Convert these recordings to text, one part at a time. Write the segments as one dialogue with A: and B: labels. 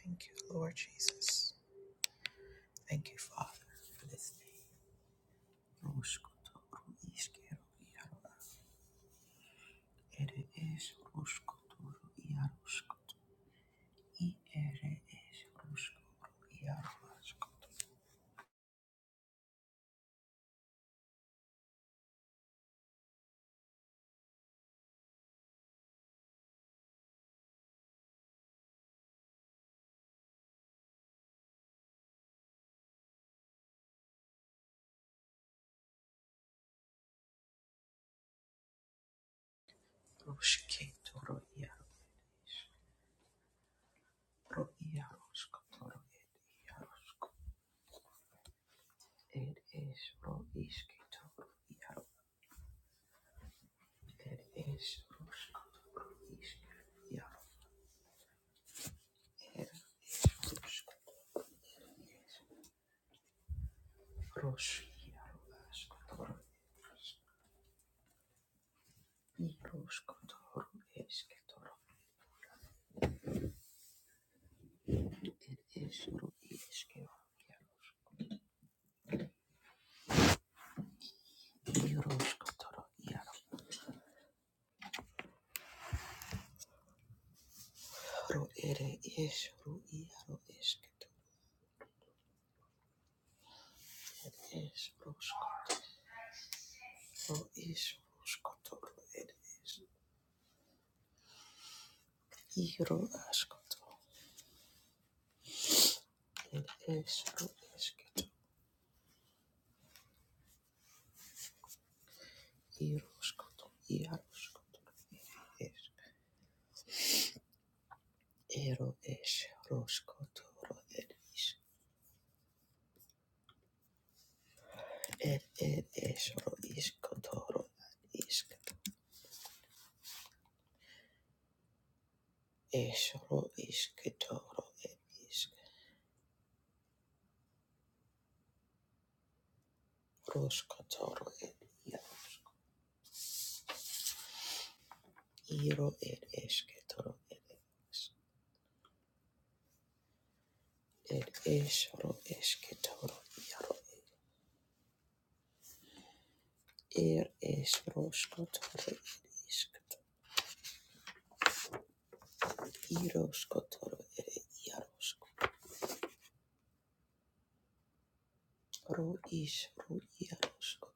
A: Thank you, Lord Jesus. Thank you, Father, for this day. Roshkotoru iskeru iaru ere es roshkotoru iarushkoto i ere es roshkotoru iarushkoto roshketoru iaru ro iarushkotoru ed iarushkoto ed es ro isketoru iaru ed es roshkotoru iskeru iaru ere es roshkoto Rosh iaro asketoro iaroskotoro esketoro ere esro ieskero iaro iaroskotoro iaro ro ere esro iaro esketo ere esroskotoro esroskotoro ere es esro esketo iaroskotoro es Er er esoro iskotoro iskato esoro isketoro er isk roskotoro er ia iro er esketoro er isk er esoro esketoro iaro er es roskotoro er isk iroskotoro er iarosk ro is ro iaroskotoro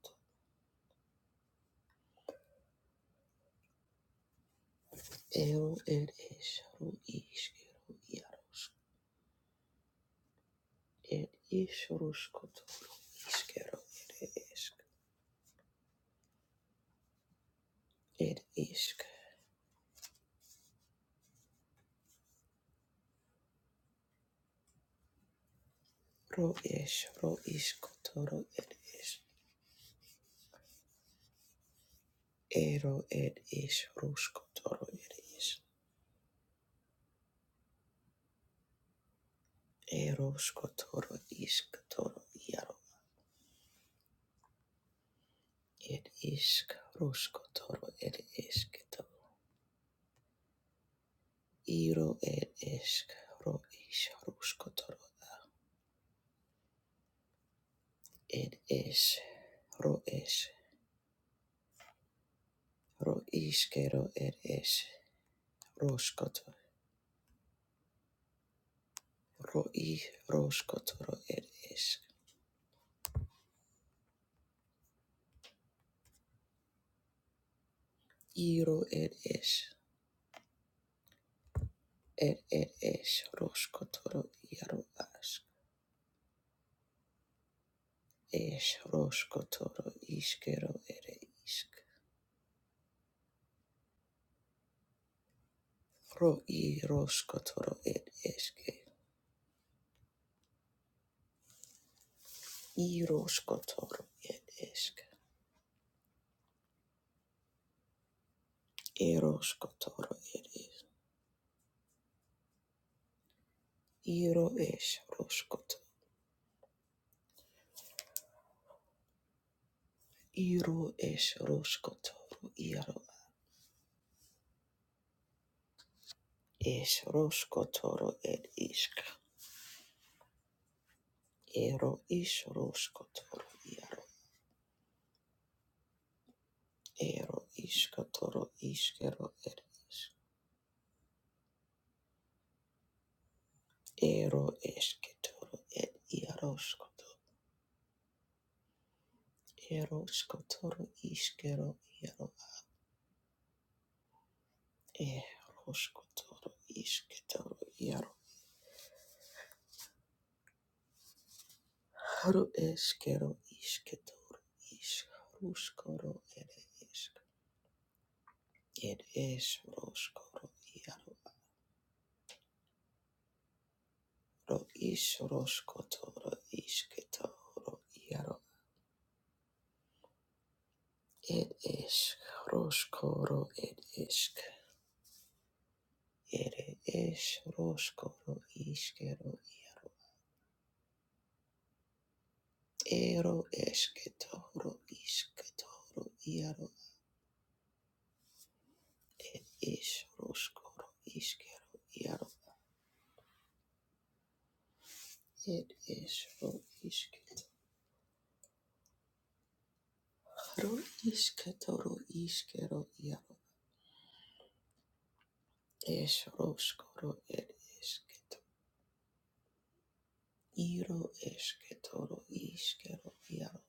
A: ero er es ro isk ro Ed ishrushkutu iskero ed ishk ed ishk ro ish ro ishkutoro ed ish ero ed ishrushkutoro ed ish ero shkutoro ishkutoro iaro ed ishk rushkutoro ed ishkito iro ed ishk ro ish rushkutoro ed ish ro ish ro iskero ed ish rushkoto Ro i roskotoro ed esk. Iro ed es. Ed ed es roskotoro iaro ask. Es roskotoro iskero ed isk. Ro i roskotoro ed eske. I roskotoro ed esk. E roskotoro ed es. Iro es roskotoro. Iro es roskotoro iaro. Es roskotoro ed isk. Ero is roskotoro iaro. Ero iskotoro iskero ed is. Ero esketoro ed iaroskoto. Ero skotoro iskero iaro. Ero skotoro isketoro iaro. Haru eskero isketoro is. Ruskoro ed isk. Ed es roskoro iaro. Ro is roskotoro isketoro iaro. Ed es roskoro ed isk. Ere eşroşkoro işkero iaro. Ero eşketoro işketoro iaro. Ed eşroşkoro işkero iaro. Ed eşro işketoro işketoro işkero iaro. Eşroşkoro ed eşketo. Iro eşketoro işkero iaro.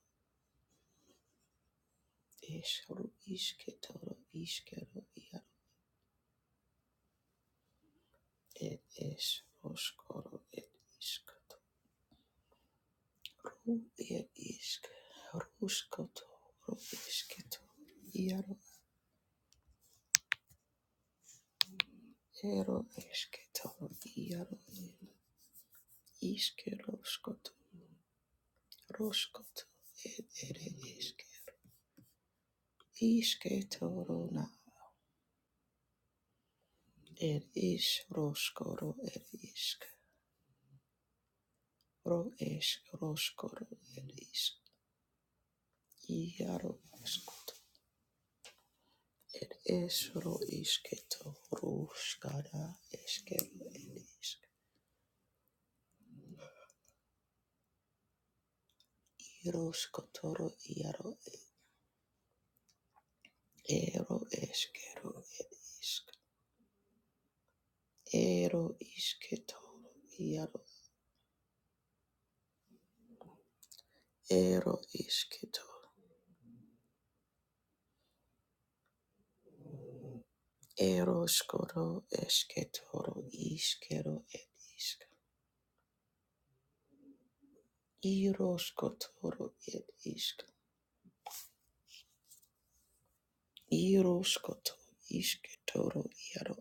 A: Eşro işketoro işkero iaro. Ed eşroşkoro ed işketoro. Ru er isk, ruskoto, ru esketo, iaro, ero esketo, iaro, iske ruskoto, ruskoto, er ere iske, isketo runa, er is ruskoro, er isk, ro esk, ruskoro, er isk, iaro, eskoto, er es ro isketo, ruskara, eskero, er isk, iroskotoro, iaro, Ero eskero isk. Ero isketoro iaro. Ero isketo. Ero skoro esketoro iskero et isk. Iro skotoro et isk. Iro skoto isketoro iaro.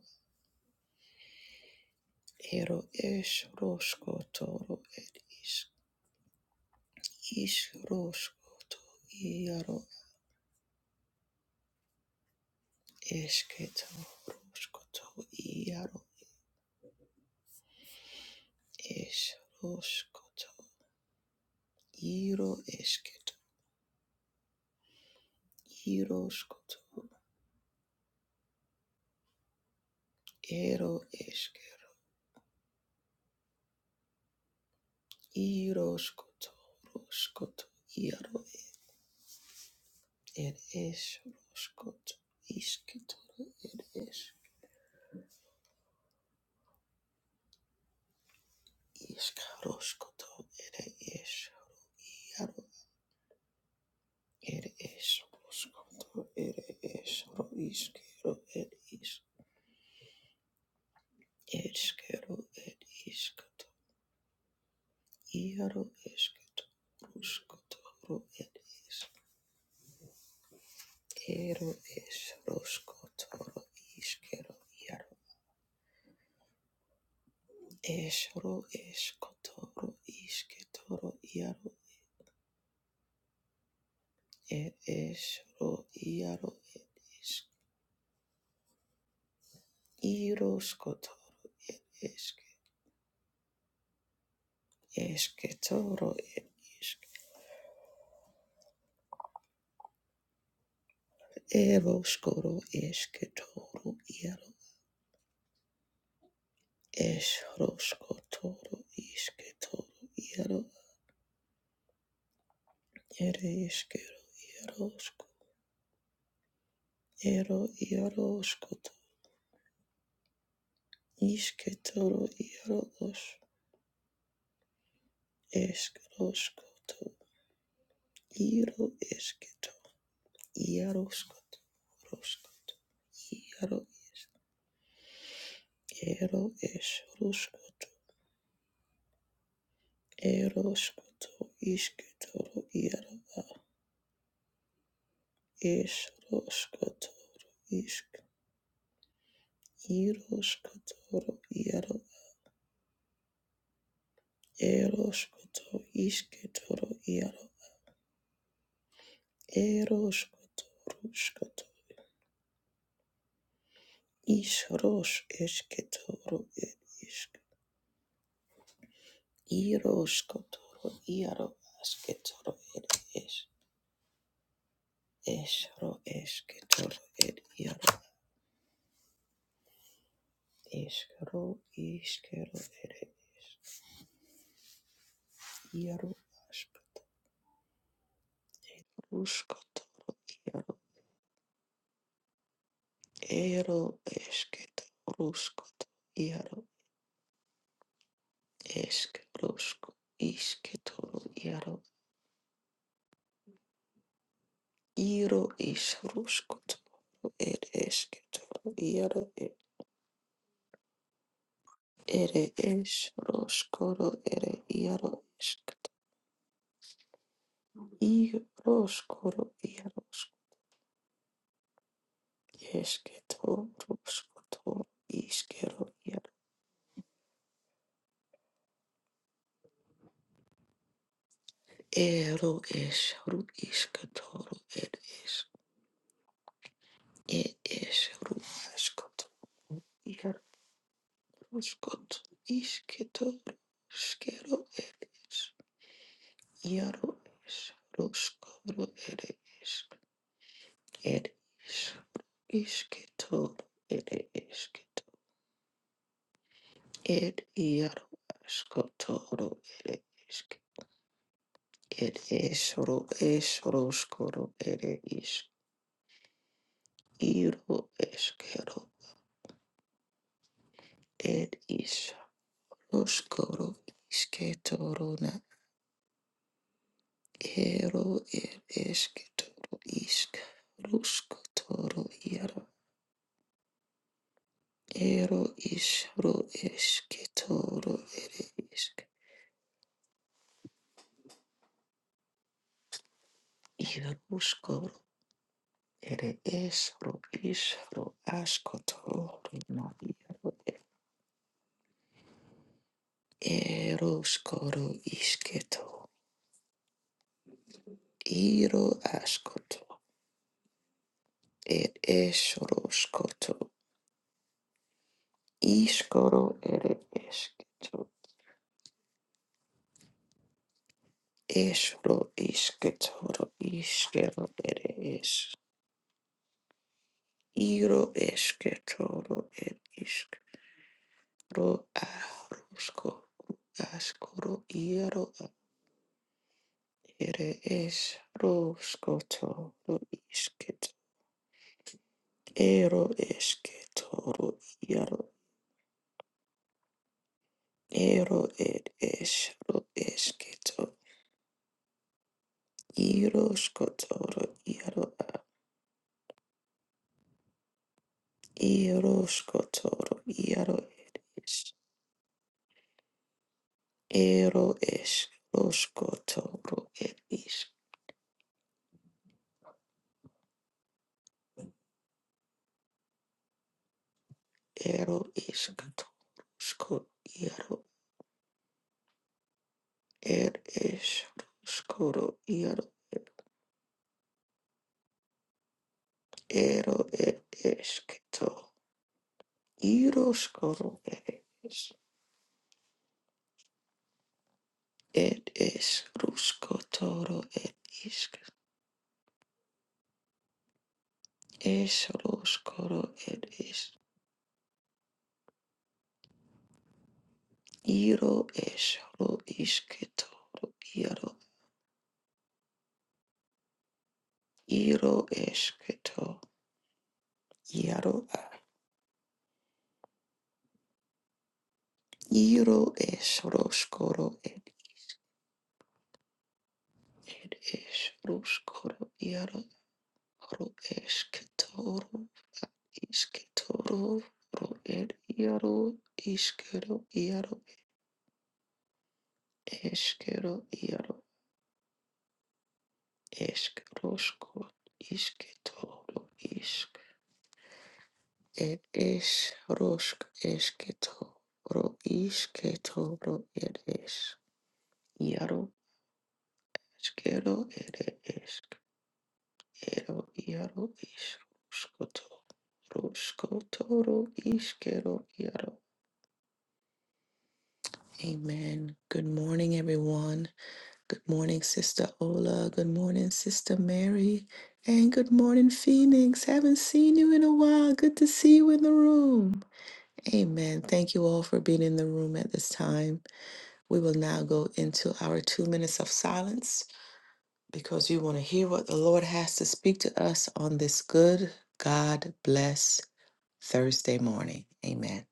A: Ero es roskotoro et isk. Is roskoto iaro esketoro skoto iaro es roskoto. Iro esketo, iro skoto, ero eskero, iro skoto, roskoto, iaro er es roskoto, isketo er es, iskaroskoto er es, iaro er es roskoto er es, ro iskero er is, eskero er iskato, iaro esketo, roskoto ro er es. Ero esroskotoro iskero iaro esro eskotoro isketoro iaro er esro iaro es iroskotoro er eske esketoro er isk eroskoro esketoro iaro esroskotoro isketoro iaro er eskero iarosko ero iaroskotoro Ishketoro iarosh eshkroshkoto iro esketo iaroshkoto roskoto iaro es ero eshroshkoto eroshkoto ishketoro iaro eshroshkoto ishk iroshkotoro iaro eroshkoto ishketoro iaro eroshkoto roshkoto ishrosh eshketoro ishk Iroskotoro iaro asketoro ed es esro esketoro ed iaro eskero iskero ed iaro asketoro iaro ero esketoro skotoro iaro eskerosko isketoro iaro iro isroskotoro ed esketoro iaro ed ere esroskoro ere iaro Iroskoro iarosk esketo roskoto iskero iar ero es ru iskatoro ed es e es ru askoto iar roskoto isketo skero ed es iaro es roskoro ed es ed is isketo ed esketo ed iaro askotoro ed Ed eshoro eshoroshkoro ere ish iro eshkero ed ish roshkoro ishketorona ero ed eshketoro ishk roshkotoro iaro ero ish ro eshketoro ishk iroshkoro ere esh ro ish ro ashkotoro na iaro eroshkoro ishketoro Iro askoto er eshoroskoto iskoro ere esketo esro isketoro iskero ere es iro esketoro er iskro arosko askoro iro ere es roskotoro isket ero esketoro iero ero er esro esketo Iroskotoro iaro Iroskotoro iaro ed is Ero es Roskotoro ed is Ero iskatoro sko iaro ed es Roskoro iaro ed Ero ed esketo Iroskoro ed is Ed es Roskotoro ed isk Es Roskoro ed is Iro eshro ishketoro iro iro esketo iaro a- iro eshroshkoro ed ed eshro skoro iaro ro eshketo ro isketoro ro ro ed iaro iskero iaro eskero iaro ro isketoro Ed ish roshk esketo ro isketo ro ed ish yaro eskero ed esk ero yaro ish roshkoto roshkoto ro iskero yaro. Amen. Good morning, everyone. Good morning, Sister Ola. Good morning, Sister Mary. And good morning, Phoenix. Haven't seen you in a while. Good to see you in the room. Amen. Thank you all for being in the room at this time. We will now go into our two minutes of silence because we want to hear what the Lord has to speak to us on this good, God bless Thursday morning. Amen.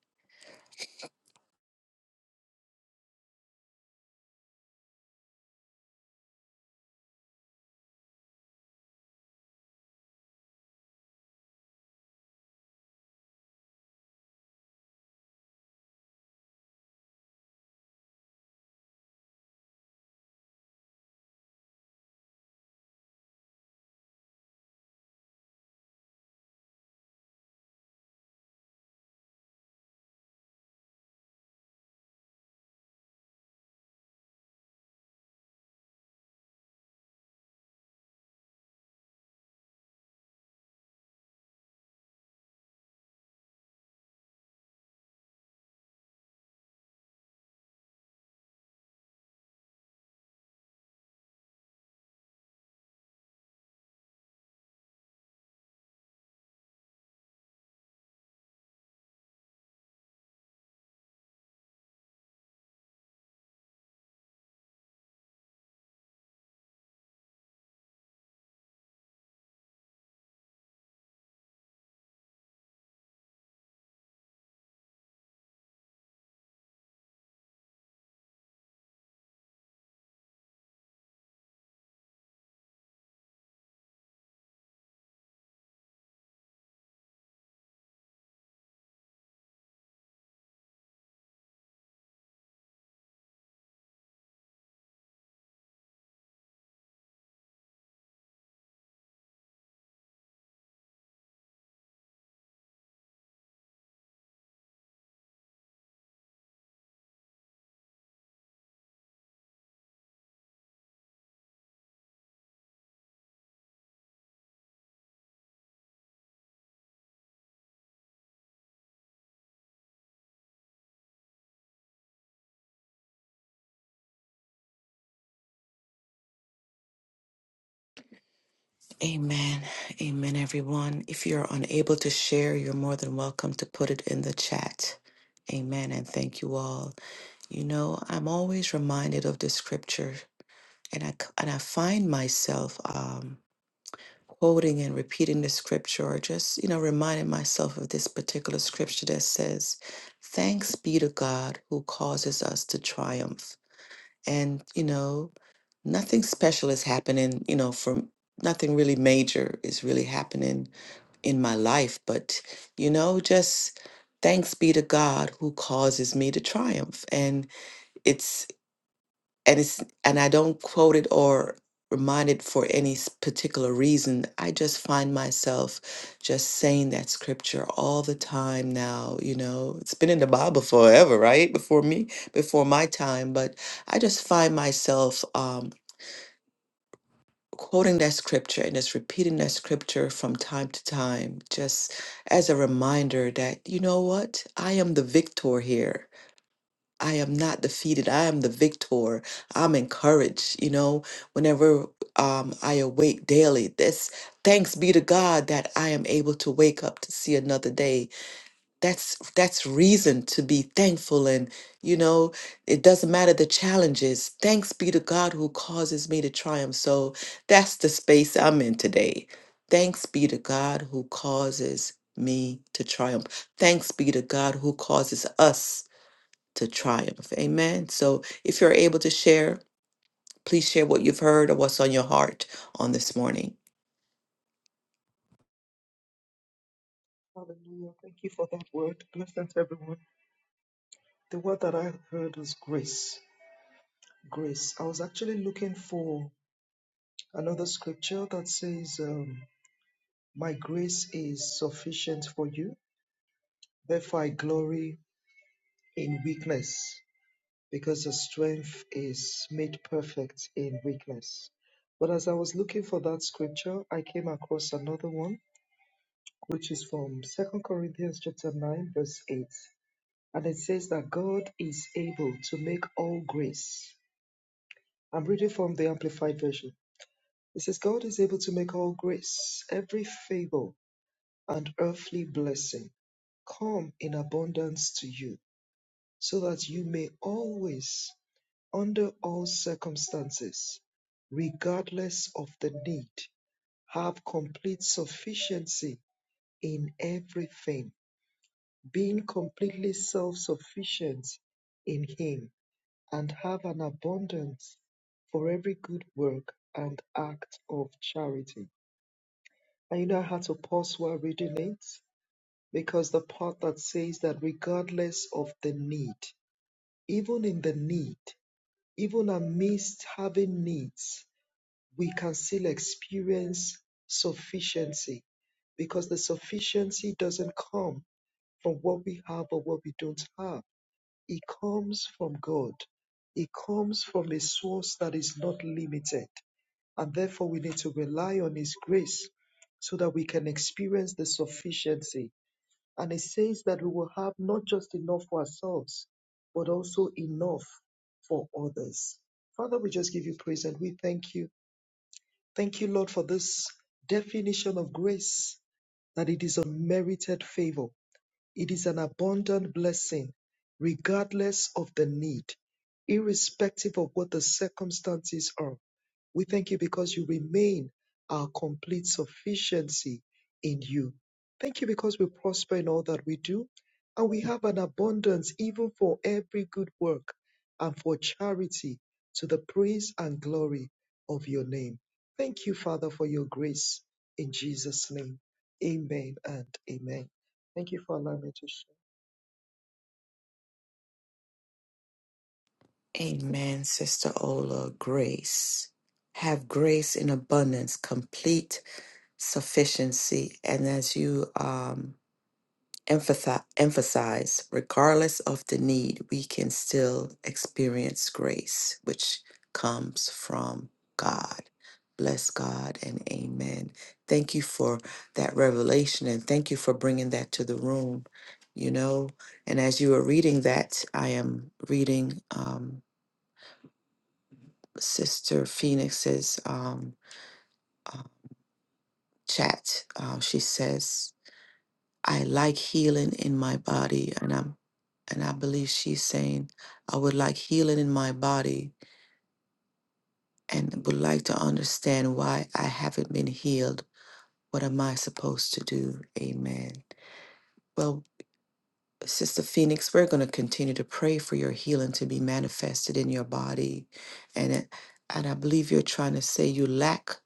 A: Amen. Amen, everyone. If you're unable to share, you're more than welcome to put it in the chat. Amen. And thank you all. You know, I'm always reminded of the scripture, and I, c- and I find myself. um, quoting and repeating the scripture or just, you know, reminding myself of this particular scripture that says, Thanks be to God who causes us to triumph. And, you know, nothing special is happening, you know, from nothing really major is really happening in my life, but, you know, just thanks be to God who causes me to triumph. And it's and it's and I don't quote it or remind it for any s- particular reason. I just find myself just saying that scripture all the time now, you know. It's been in the Bible forever, right? Before me, before my time, but I just find myself um quoting that scripture and just repeating that scripture from time to time just as a reminder that you know what? I am the victor here. I am not defeated. I am the victor. I'm encouraged. You know, whenever um, I awake daily, this thanks be to God that I am able to wake up to see another day. That's that's reason to be thankful, and you know, it doesn't matter the challenges. Thanks be to God who causes me to triumph. So that's the space I'm in today. Thanks be to God who causes me to triumph. Thanks be to God who causes us to triumph. Amen. So if you're able to share, please share what you've heard or what's on your heart on this morning.
B: Hallelujah. Thank you for that word. Blessings, everyone. The word that I heard is grace. Grace. I was actually looking for another scripture that says, um, My grace is sufficient for you. Therefore, I glory in weakness, because the strength is made perfect in weakness. But as I was looking for that scripture, I came across another one, which is from Second Corinthians chapter 9, verse 8. And it says that God is able to make all grace. I'm reading from the Amplified Version. It says, God is able to make all grace, every favor and earthly blessing come in abundance to you, so that you may always, under all circumstances, regardless of the need, have complete sufficiency in everything, being completely self sufficient in Him and have an abundance for every good work and act of charity. And you know, I had to pause while reading it because the part that says that regardless of the need, even in the need, even amidst having needs, we can still experience sufficiency because the sufficiency doesn't come from what we have or what we don't have it comes from God. It comes from a source that is not limited. And therefore, we need to rely on His grace so that we can experience the sufficiency. And it says that we will have not just enough for ourselves, but also enough for others. Father, we just give you praise and we thank you. Thank you, Lord, for this definition of grace that it is unmerited favor it is an abundant blessing, regardless of the need, irrespective of what the circumstances are. We thank you because you remain our complete sufficiency in you. Thank you because we prosper in all that we do and we have an abundance even for every good work and for charity to the praise and glory of your name. Thank you, Father, for your grace in Jesus' name. Amen and amen. Thank you for allowing me to share.
A: Amen, Sister Ola. Grace. Have grace in abundance, complete sufficiency. And as you um, emphasi- emphasize regardless of the need, we can still experience grace, which comes from God. Bless God and amen. Thank you for that revelation and thank you for bringing that to the room. You know, and as you were reading that, I am reading um, Sister Phoenix's um, uh, chat. Uh, she says, I like healing in my body and I'm and I believe she's saying I would like healing in my body and would like to understand why I haven't been healed. What am I supposed to do? Amen. Well, Sister Phoenix, we're going to continue to pray for your healing to be manifested in your body. And it- and I believe you're trying to say you lack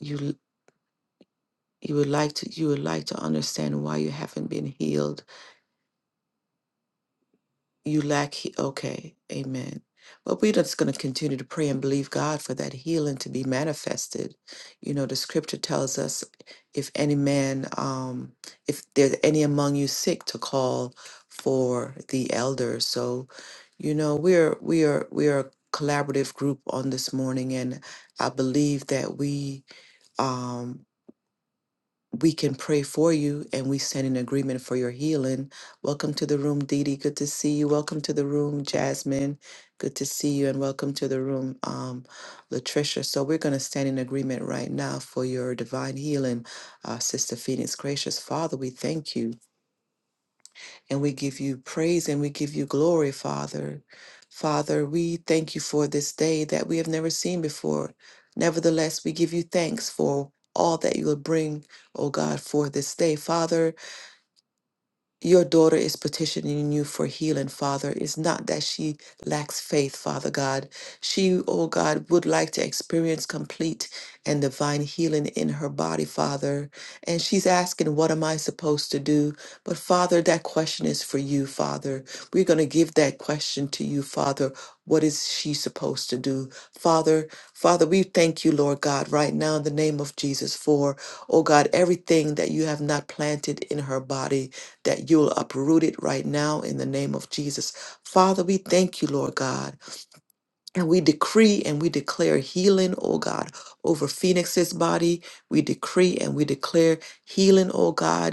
A: you l- you would like to you would like to understand why you haven't been healed You lack, he- okay, amen. But we're just going to continue to pray and believe God for that healing to be manifested. You know, the scripture tells us if any man, um, if there's any among you sick, to call for the elders. So, you know, we're, we are, we are a collaborative group on this morning, and I believe that we, um, we can pray for you and we stand in agreement for your healing. Welcome to the room, Dee Dee. Good to see you. Welcome to the room, Jasmine. Good to see you. And welcome to the room, um, Latricia. So we're going to stand in agreement right now for your divine healing, uh, Sister Phoenix. Gracious Father, we thank you. And we give you praise and we give you glory, Father. Father, we thank you for this day that we have never seen before. Nevertheless, we give you thanks for all that you will bring, O God, for this day. Father, your daughter is petitioning you for healing, Father. It's not that she lacks faith, Father God. She, oh God, would like to experience complete and divine healing in her body, Father. And she's asking, What am I supposed to do? But Father, that question is for you, Father. We're going to give that question to you, Father. What is she supposed to do? Father, Father, we thank you, Lord God, right now in the name of Jesus for, oh God, everything that you have not planted in her body that you'll uproot it right now in the name of Jesus. Father, we thank you, Lord God, and we decree and we declare healing, oh God, over Phoenix's body. We decree and we declare healing, oh God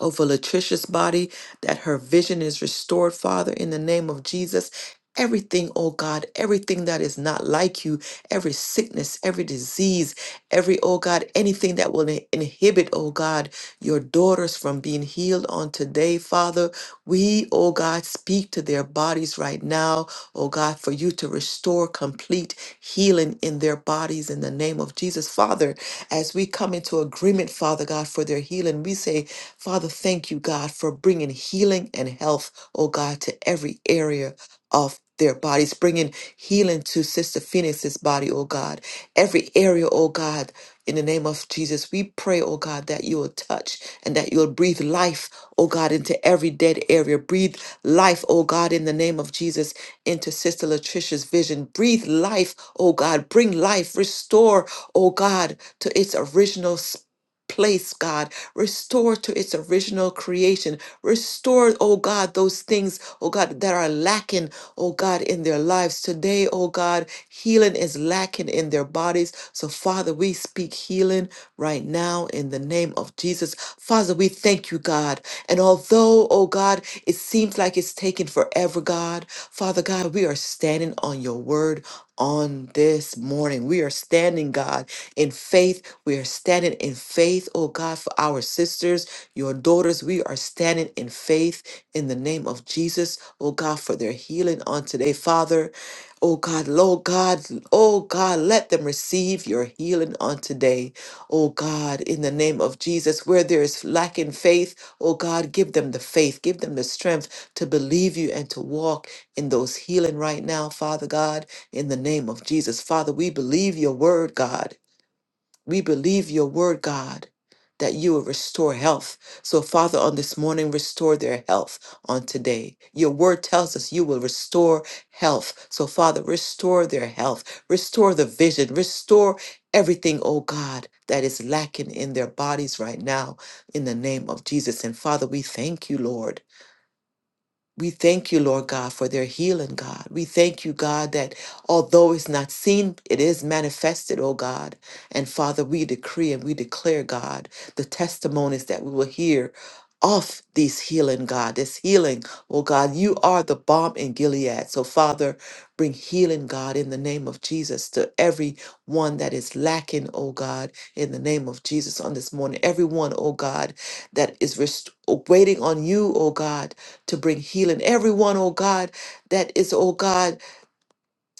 A: over Latricia's body, that her vision is restored, Father, in the name of Jesus. Everything, oh God, everything that is not like you, every sickness, every disease, every, oh God, anything that will in- inhibit, oh God, your daughters from being healed on today, Father, we, oh God, speak to their bodies right now, oh God, for you to restore complete healing in their bodies in the name of Jesus. Father, as we come into agreement, Father God, for their healing, we say, Father, thank you, God, for bringing healing and health, oh God, to every area of their bodies, bringing healing to Sister Phoenix's body, oh God. Every area, oh God, in the name of Jesus, we pray, oh God, that you will touch and that you will breathe life, oh God, into every dead area. Breathe life, oh God, in the name of Jesus, into Sister Latricia's vision. Breathe life, oh God. Bring life, restore, oh God, to its original place, God. Restore to its original creation. Restore, oh God, those things, oh God, that are lacking, oh God, in their lives. Today, oh God, healing is lacking in their bodies. So, Father, we speak healing right now in the name of Jesus. Father, we thank you, God. And although, oh God, it seems like it's taking forever, God, Father God, we are standing on your word on this morning. We are standing, God, in faith. We are standing in faith, oh God, for our sisters, your daughters. We are standing in faith in the name of Jesus, oh God, for their healing on today, Father. Oh God, Lord God, oh God, let them receive your healing on today oh God, in the name of Jesus. Where there is lack in faith, oh God, give them the faith, give them the strength to believe you and to walk in those healing right now, Father God, in the name of Jesus. Father, we believe your word, God. We believe your word, God, that you will restore health. So, Father, on this morning, restore their health on today. Your word tells us you will restore health. So, Father, restore their health, restore the vision, restore everything, oh God, that is lacking in their bodies right now in the name of Jesus. And, Father, we thank you, Lord. We thank you, Lord God, for their healing, God. We thank you, God, that although it's not seen, it is manifested, oh God. And Father, we decree and we declare, God, the testimonies that we will hear of these healing, God, this healing, oh God. You are the bomb in Gilead. So, Father, bring healing, God, in the name of Jesus to every one that is lacking, oh God, in the name of Jesus on this morning. Everyone, oh God, that is rest- waiting on you, oh God to bring healing. Everyone, oh God, that is, oh God,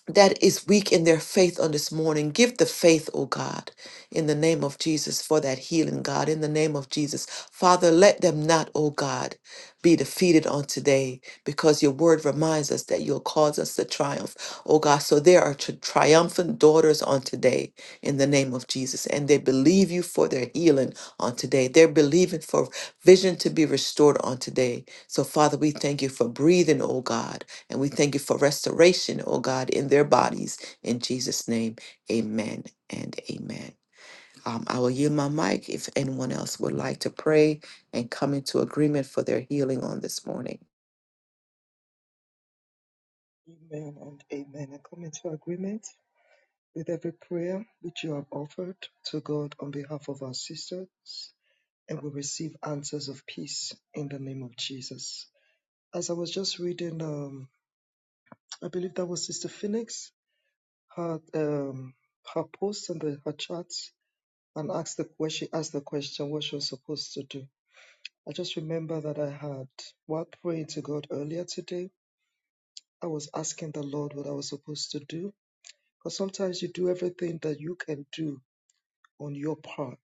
A: that is weak in their faith on this morning. Give the faith, oh God, in the name of Jesus for that healing, God, in the name of Jesus. Father, let them not, oh God, be defeated on today because your word reminds us that you'll cause us to triumph, oh God. So there are tri- triumphant daughters on today in the name of Jesus, and they believe you for their healing on today. They're believing for vision to be restored on today. So, Father, we thank you for breathing, oh God and we thank you for restoration, oh God, in their bodies. In Jesus' name, amen and amen. Um, I will yield my mic if anyone else would like to pray and come into agreement for their healing on this morning.
B: Amen and amen. I come into agreement with every prayer which you have offered to God on behalf of our sisters, and we receive answers of peace in the name of Jesus. As I was just reading, um, I believe that was Sister Phoenix her um, her post and the, her chats, and asked the question. Asked the question what she was supposed to do. I just remember that I had while praying to God earlier today, I was asking the Lord what I was supposed to do. Because sometimes you do everything that you can do on your part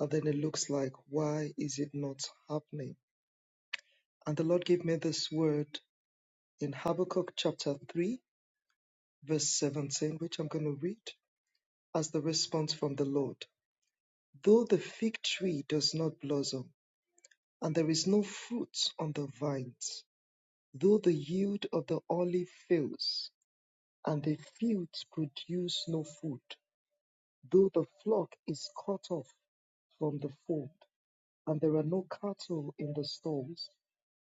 B: And then it looks like, why is it not happening? And the Lord gave me this word in Habakkuk chapter 3, verse 17, which I'm going to read as the response from the Lord. Though the fig tree does not blossom, and there is no fruit on the vines, though the yield of the olive fails, and the fields produce no food, though the flock is cut off from the fold, and there are no cattle in the stalls,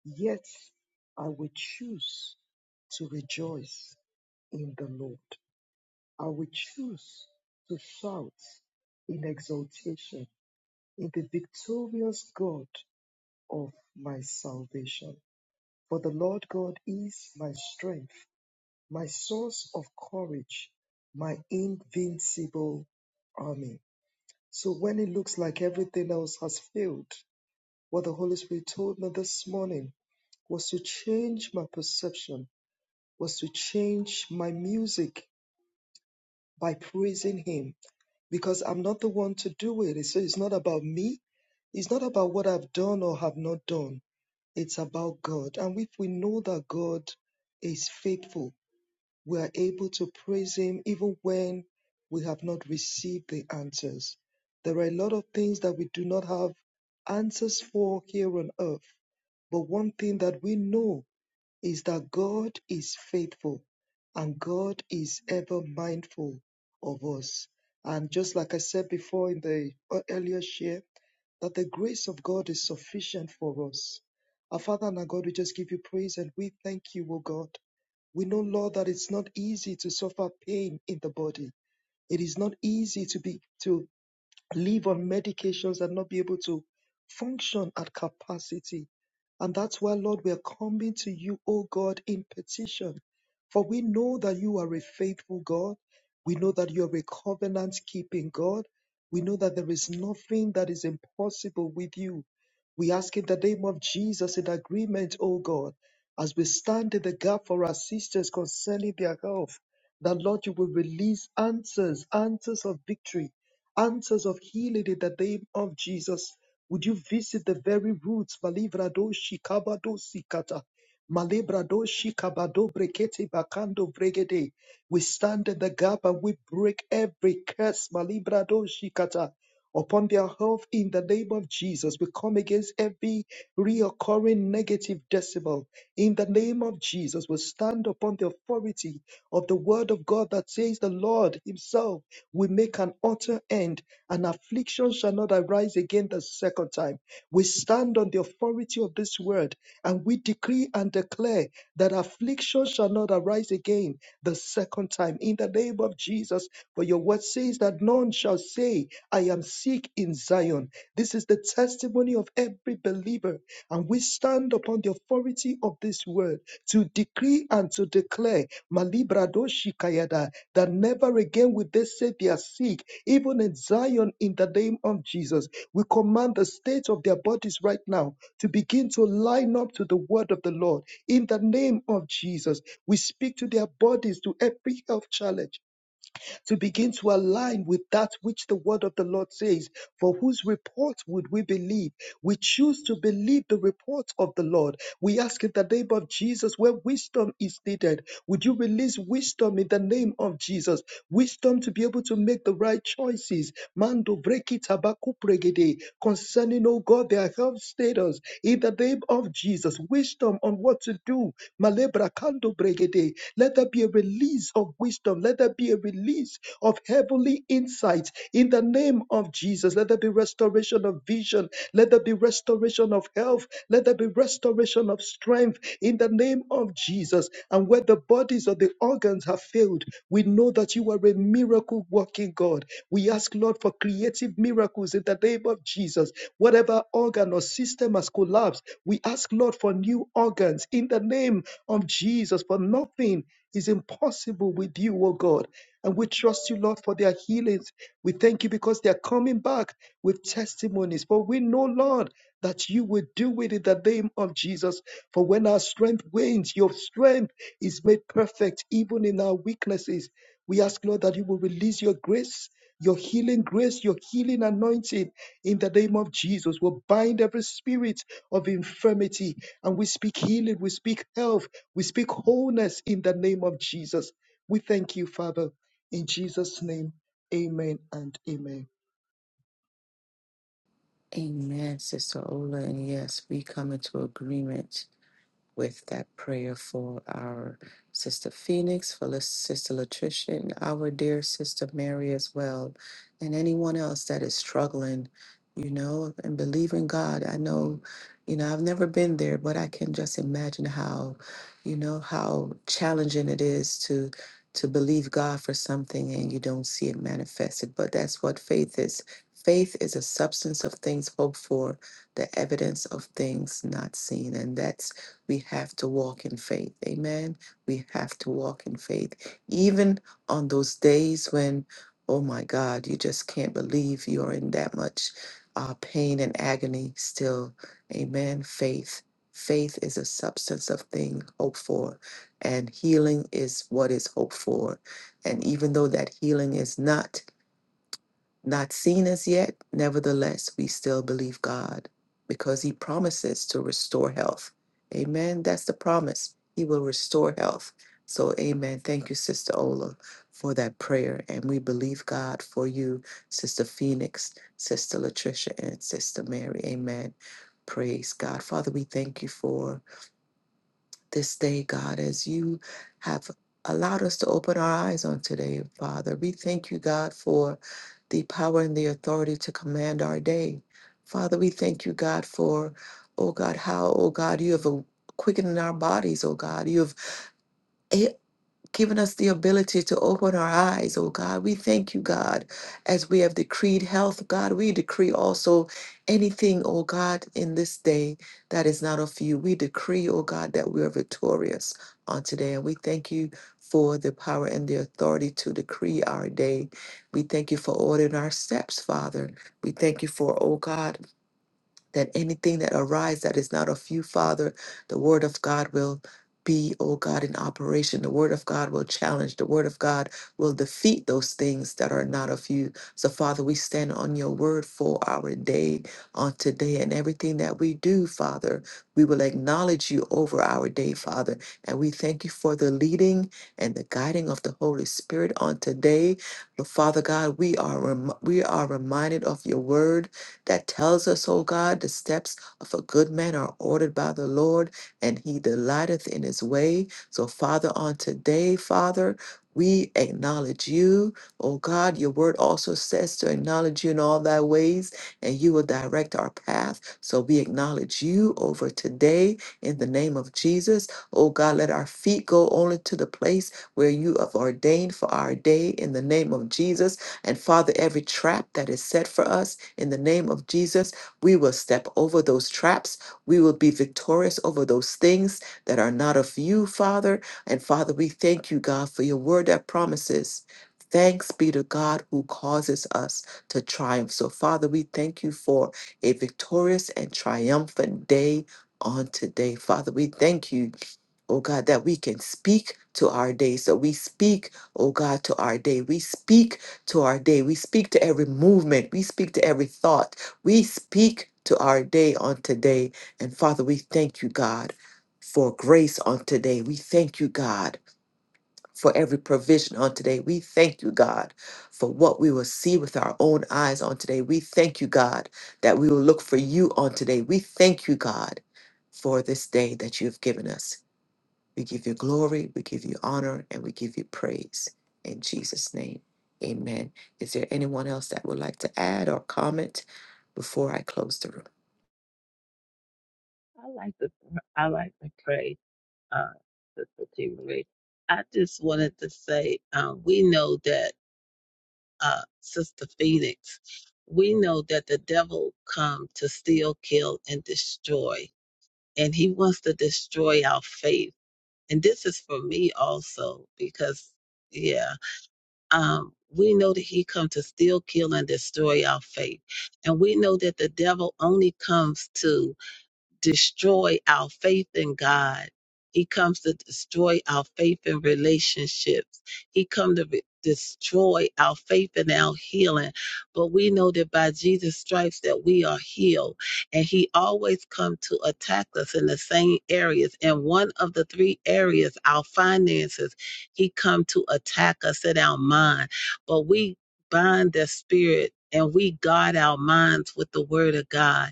B: Yet I will choose to rejoice in the Lord. I will choose to shout in exaltation in the victorious God of my salvation. For the Lord God is my strength, my source of courage, my invincible army. So when it looks like everything else has failed, what the Holy Spirit told me this morning was to change my perception was to change my music by praising him because I'm not the one to do it. So it's not about me. It's not about what I've done or have not done. It's about God. And if we know that God is faithful, we are able to praise him even when we have not received the answers. There are a lot of things that we do not have answers for here on earth. But one thing that we know is that God is faithful and God is ever mindful of us. And just like I said before in the uh, earlier share, that the grace of God is sufficient for us. Our Father and our God, we just give you praise and we thank you, O God. We know, Lord, that it's not easy to suffer pain in the body. It is not easy to be to live on medications and not be able to function at capacity. And that's why, Lord, we are coming to you, O God, in petition. For we know that you are a faithful God. We know that you are a covenant keeping God. We know that there is nothing that is impossible with you. We ask in the name of Jesus in agreement, O God, as we stand in the gap for our sisters concerning their health, that Lord, you will release answers, answers of victory Answers of healing in the name of Jesus. Would you visit the very roots? Malibrado shikabado sikata. Malibrado shikabado brekete bakando bregede. We stand in the gap and we break every curse. Malibrado shikata Upon their health in the name of Jesus, we come against every reoccurring negative decimal. In the name of Jesus, we stand upon the authority of the word of God that says the Lord himself will make an utter end and affliction shall not arise again the second time. We stand on the authority of this word and we decree and declare that affliction shall not arise again the second time in the name of Jesus. For your word says that none shall say, I am sick in Zion. This is the testimony of every believer. And we stand upon the authority of this word to decree and to declare, Malibrado Shikayada, that never again will they say they are sick, even in Zion, in the name of Jesus. We command the state of their bodies right now to begin to line up to the word of the Lord. In the name of Jesus, we speak to their bodies, to every health challenge to begin to align with that which the word of the Lord says. For whose report would we believe? We choose to believe the report of the Lord. We ask in the name of Jesus where wisdom is needed. Would you release wisdom in the name of Jesus? Wisdom to be able to make the right choices. Mando breki tabaku pregede. Concerning, oh God, their health status in the name of Jesus. Wisdom on what to do Malebra kando bregede. Let there be a release of wisdom. Let there be a release of heavenly insights in the name of Jesus. Let there be restoration of vision. Let there be restoration of health. Let there be restoration of strength in the name of Jesus. And where the bodies or the organs have failed, we know that you are a miracle working God. God. We ask, Lord, for creative miracles in the name of Jesus. Whatever organ or system has collapsed, we ask, Lord, for new organs in the name of Jesus. For nothing is impossible with you, O God. And we trust you, Lord, for their healings. We thank you because they are coming back with testimonies. For we know, Lord, that you will do it in the name of Jesus. For when our strength wanes, your strength is made perfect even in our weaknesses. We ask, Lord, that you will release your grace, your healing grace, your healing anointing in the name of Jesus. We'll bind every spirit of infirmity and we speak healing, we speak health, we speak wholeness in the name of Jesus. We thank you, Father. In Jesus' name, amen and amen.
A: Amen, Sister Ola. And yes, we come into agreement with that prayer for our sister Phoenix, for the sister Latricia, and our dear sister Mary as well, and anyone else that is struggling, you know, and believe in God. I know, you know, I've never been there, but I can just imagine how, you know, how challenging it is to to believe God for something and you don't see it manifested. But that's what faith is. Faith is a substance of things hoped for, the evidence of things not seen. And that's we have to walk in faith. Amen. We have to walk in faith. Even on those days when, oh my God, you just can't believe you're in that much uh, pain and agony still. Amen. Faith. Faith is a substance of thing hoped for, and healing is what is hoped for. And even though that healing is not not seen as yet, nevertheless, we still believe God because He promises to restore health. Amen. That's the promise. He will restore health. So, amen. Thank you, Sister Ola, for that prayer. And we believe God for you, Sister Phoenix, Sister Latricia, and Sister Mary. Amen. Praise God. Father, we thank you for this day, God, as you have allowed us to open our eyes on today, Father. We thank you, God, for the power and the authority to command our day. Father, we thank you, God, for, oh God, how, oh God, you have a quickening our bodies, oh God. You have given us the ability to open our eyes, oh God. We thank you, God, as we have decreed health, God. We decree also anything, oh God, in this day that is not of you. We decree, oh God, that we are victorious on today. And we thank you for the power and the authority to decree our day. We thank you for ordering our steps, Father. We thank you for, oh God that anything that arises that is not of you, Father, the word of God will be, oh God, in operation. The word of God will challenge. The word of God will defeat those things that are not of you. So, Father, we stand on your word for our day on today and everything that we do, Father. We will acknowledge you over our day, Father. And we thank you for the leading and the guiding of the Holy Spirit on today. But Father God, we are rem- we are reminded of your word that tells us, O God, the steps of a good man are ordered by the Lord, and he delighteth in his way. So, Father, on today, Father, we acknowledge you. O God, your word also says to acknowledge you in all thy ways, and you will direct our path. So we acknowledge you over today in the name of Jesus. O God, let our feet go only to the place where you have ordained for our day in the name of Jesus. And Father, every trap that is set for us in the name of Jesus, we will step over those traps. We will be victorious over those things that are not of you, Father. And Father, we thank you, God, for your word that promises. Thanks be to God who causes us to triumph. So, Father, we thank you for a victorious and triumphant day on today. Father, we thank you oh God, that we can speak to our day. So we speak, oh God, to our day. We speak to our day. We speak to every movement. We speak to every thought. We speak to our day on today. And Father, we thank you, God, for grace on today. We thank you, God, for every provision on today. We thank you, God, for what we will see with our own eyes on today. We thank you, God, that we will look for you on today. We thank you, God, for this day that you have given us. We give you glory, we give you honor, and we give you praise. In Jesus' name, amen. Is there anyone else that would like to add or comment before I close the room?
C: I like to I like to pray, uh, Sister T. Marie. I just wanted to say, uh, we know that, uh, Sister Phoenix, we know that the devil come to steal, kill, and destroy, and he wants to destroy our faith. And this is for me also because, yeah, um, we know that he come to steal, kill, and destroy our faith, and we know that the devil only comes to destroy our faith in God. He comes to destroy our faith in relationships. He comes to re- destroy our faith in our healing. But we know that by Jesus' stripes that we are healed. And he always comes to attack us in the same areas. And one of the three areas, our finances, he come to attack us in our mind. But we bind the spirit and we guard our minds with the word of God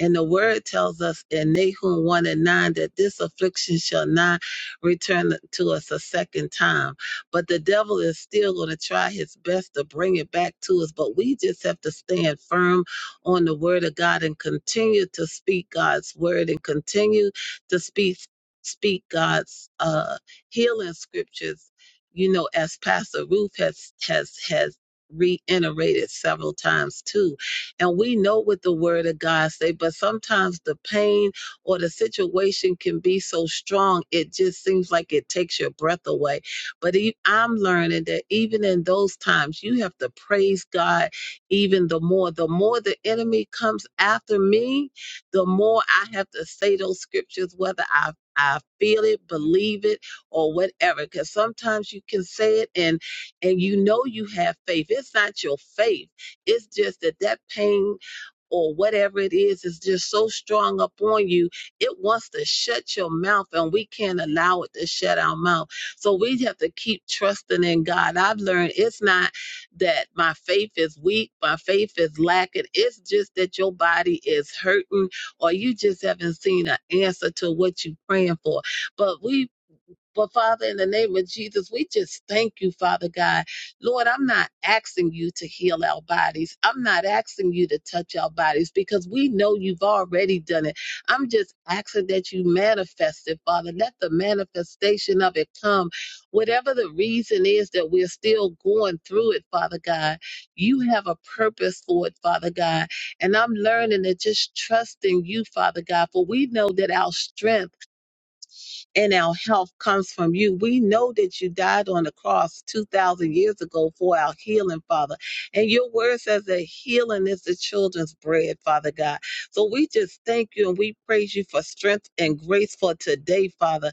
C: and the word tells us in Nahum 1 and 9 that this affliction shall not return to us a second time. But the devil is still going to try his best to bring it back to us. But we just have to stand firm on the word of God and continue to speak God's word and continue to speak speak God's uh healing scriptures, you know, as Pastor Ruth has has has reiterated several times too and we know what the word of God say, but sometimes the pain or the situation can be so strong, it just seems like it takes your breath away. But e- I'm learning that even in those times, you have to praise God even the more. The more the enemy comes after me, the more I have to say those scriptures, whether I I feel it, believe it, or whatever. Because sometimes you can say it and and you know you have faith. It's not your faith. It's just that that pain or whatever it is is just so strong upon you, it wants to shut your mouth, and we can't allow it to shut our mouth. So we have to keep trusting in God. I've learned it's not that my faith is weak, my faith is lacking. It's just that your body is hurting, or you just haven't seen an answer to what you're praying for. But we but Father, in the name of Jesus, we just thank you, Father God. Lord, I'm not asking you to heal our bodies. I'm not asking you to touch our bodies because we know you've already done it. I'm just asking that you manifest it, Father. Let the manifestation of it come. Whatever the reason is that we're still going through it, Father God, you have a purpose for it, Father God. And I'm learning to just trust in you, Father God, for we know that our strength and our health comes from you. We know that you died on the cross 2,000 years ago for our healing, Father. And your word says that healing is the children's bread, Father God. So we just thank you and we praise you for strength and grace for today, Father.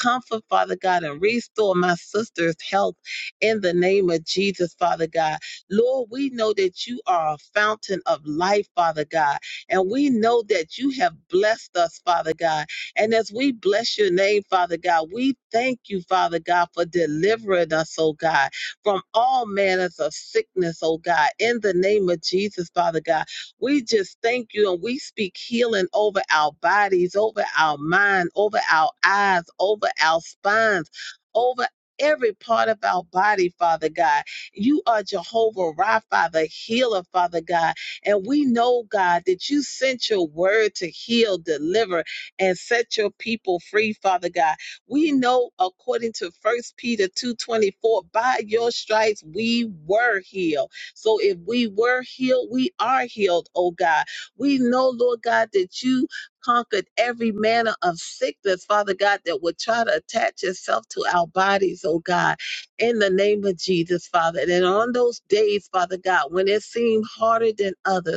C: Comfort, Father God, and restore my sister's health in the name of Jesus, Father God. Lord, we know that you are a fountain of life, Father God. And we know that you have blessed us, Father God. And as we bless your name, Father God, we thank you, Father God, for delivering us, oh God, from all manners of sickness, oh God. In the name of Jesus, Father God, we just thank you and we speak healing over our bodies, over our mind, over our eyes, over our spines, over Every part of our body, Father God. You are Jehovah Rapha, the healer, Father God. And we know, God, that you sent your word to heal, deliver, and set your people free, Father God. We know according to First Peter 2:24, by your stripes we were healed. So if we were healed, we are healed, oh God. We know, Lord God, that you conquered every manner of sickness, Father God, that would try to attach itself to our bodies, oh God, in the name of Jesus, Father. And on those days, Father God, when it seemed harder than others,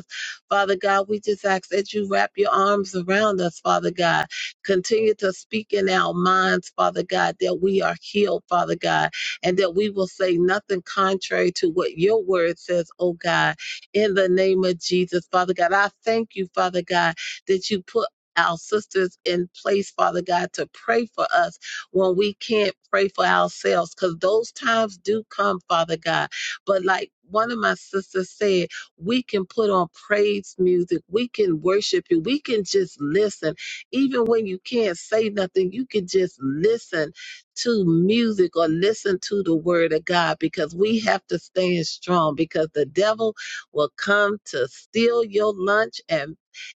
C: Father God, we just ask that you wrap your arms around us, Father God. Continue to speak in our minds, Father God, that we are healed, Father God, and that we will say nothing contrary to what your word says, oh God, in the name of Jesus, Father God. I thank you, Father God, that you put our sisters in place, Father God, to pray for us when we can't pray for ourselves, because those times do come, Father God. But like one of my sisters said, we can put on praise music. We can worship you. We can just listen. Even when you can't say nothing, you can just listen to music or listen to the word of God because we have to stand strong because the devil will come to steal your lunch and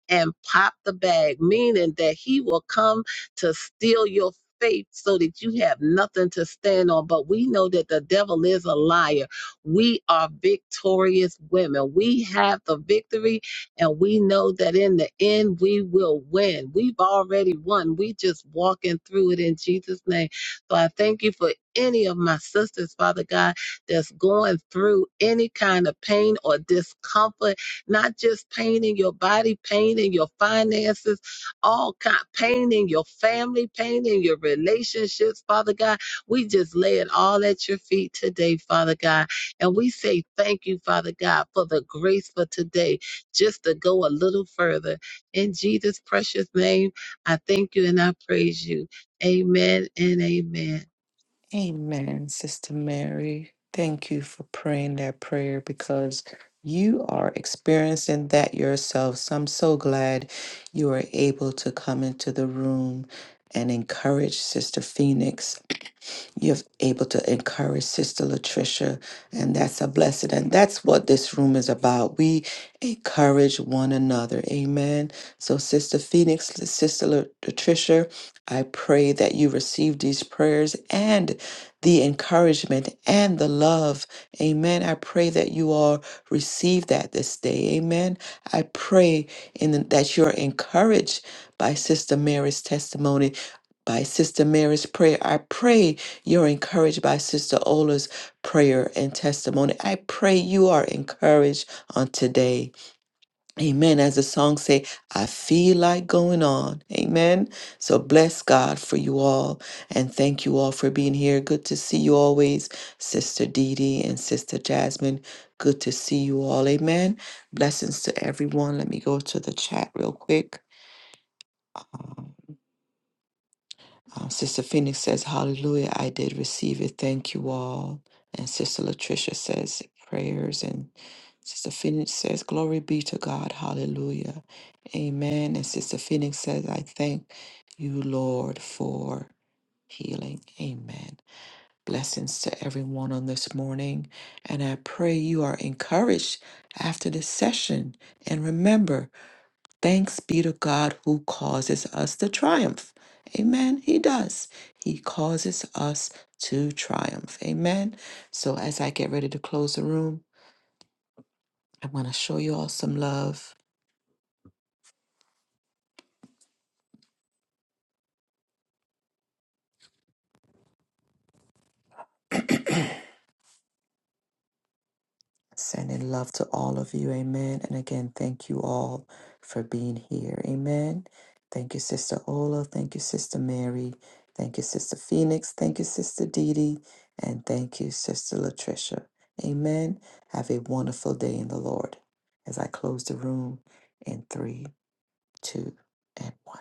C: and pop the bag, meaning that he will come to steal your faith so that you have nothing to stand on. But we know that the devil is a liar. We are victorious women. We have the victory, and we know that in the end, we will win. We've already won. We just walking through it in Jesus' name. So I thank you for any of my sisters, Father God, that's going through any kind of pain or discomfort, not just pain in your body, pain in your finances, all kind pain in your family, pain in your relationships, Father God. We just lay it all at your feet today, Father God. And we say thank you, Father God, for the grace for today, just to go a little further. In Jesus' precious name, I thank you and I praise you. Amen and amen.
A: Amen, Sister Mary. Thank you for praying that prayer because you are experiencing that yourself. So I'm so glad you were able to come into the room and encourage Sister Phoenix. You're able to encourage Sister Latricia, and that's a blessing. And that's what this room is about. We encourage one another. Amen. So, Sister Phoenix, Sister La- Latricia, I pray that you receive these prayers and the encouragement and the love. Amen. I pray that you all receive that this day. Amen. I pray in the, that you're encouraged by Sister Mary's testimony by Sister Mary's prayer. I pray you're encouraged by Sister Ola's prayer and testimony. I pray you are encouraged on today. Amen. As the song say, I feel like going on. Amen. So bless God for you all and thank you all for being here. Good to see you always, Sister Dee Dee and Sister Jasmine. Good to see you all. Amen. Blessings to everyone. Let me go to the chat real quick. Um, Um, Sister Phoenix says, Hallelujah, I did receive it. Thank you all. And Sister Latricia says, Prayers. And Sister Phoenix says, Glory be to God. Hallelujah. Amen. And Sister Phoenix says, I thank you, Lord, for healing. Amen. Blessings to everyone on this morning. And I pray you are encouraged after this session. And remember, Thanks be to God who causes us to triumph. Amen. He does. He causes us to triumph. Amen. So, as I get ready to close the room, I want to show you all some love. Sending love to all of you. Amen. And again, thank you all for being here. Amen. Thank you, Sister Ola. Thank you, Sister Mary. Thank you, Sister Phoenix. Thank you, Sister Dee Dee. And thank you, Sister Latricia. Amen. Have a wonderful day in the Lord as I close the room in three, two, and one.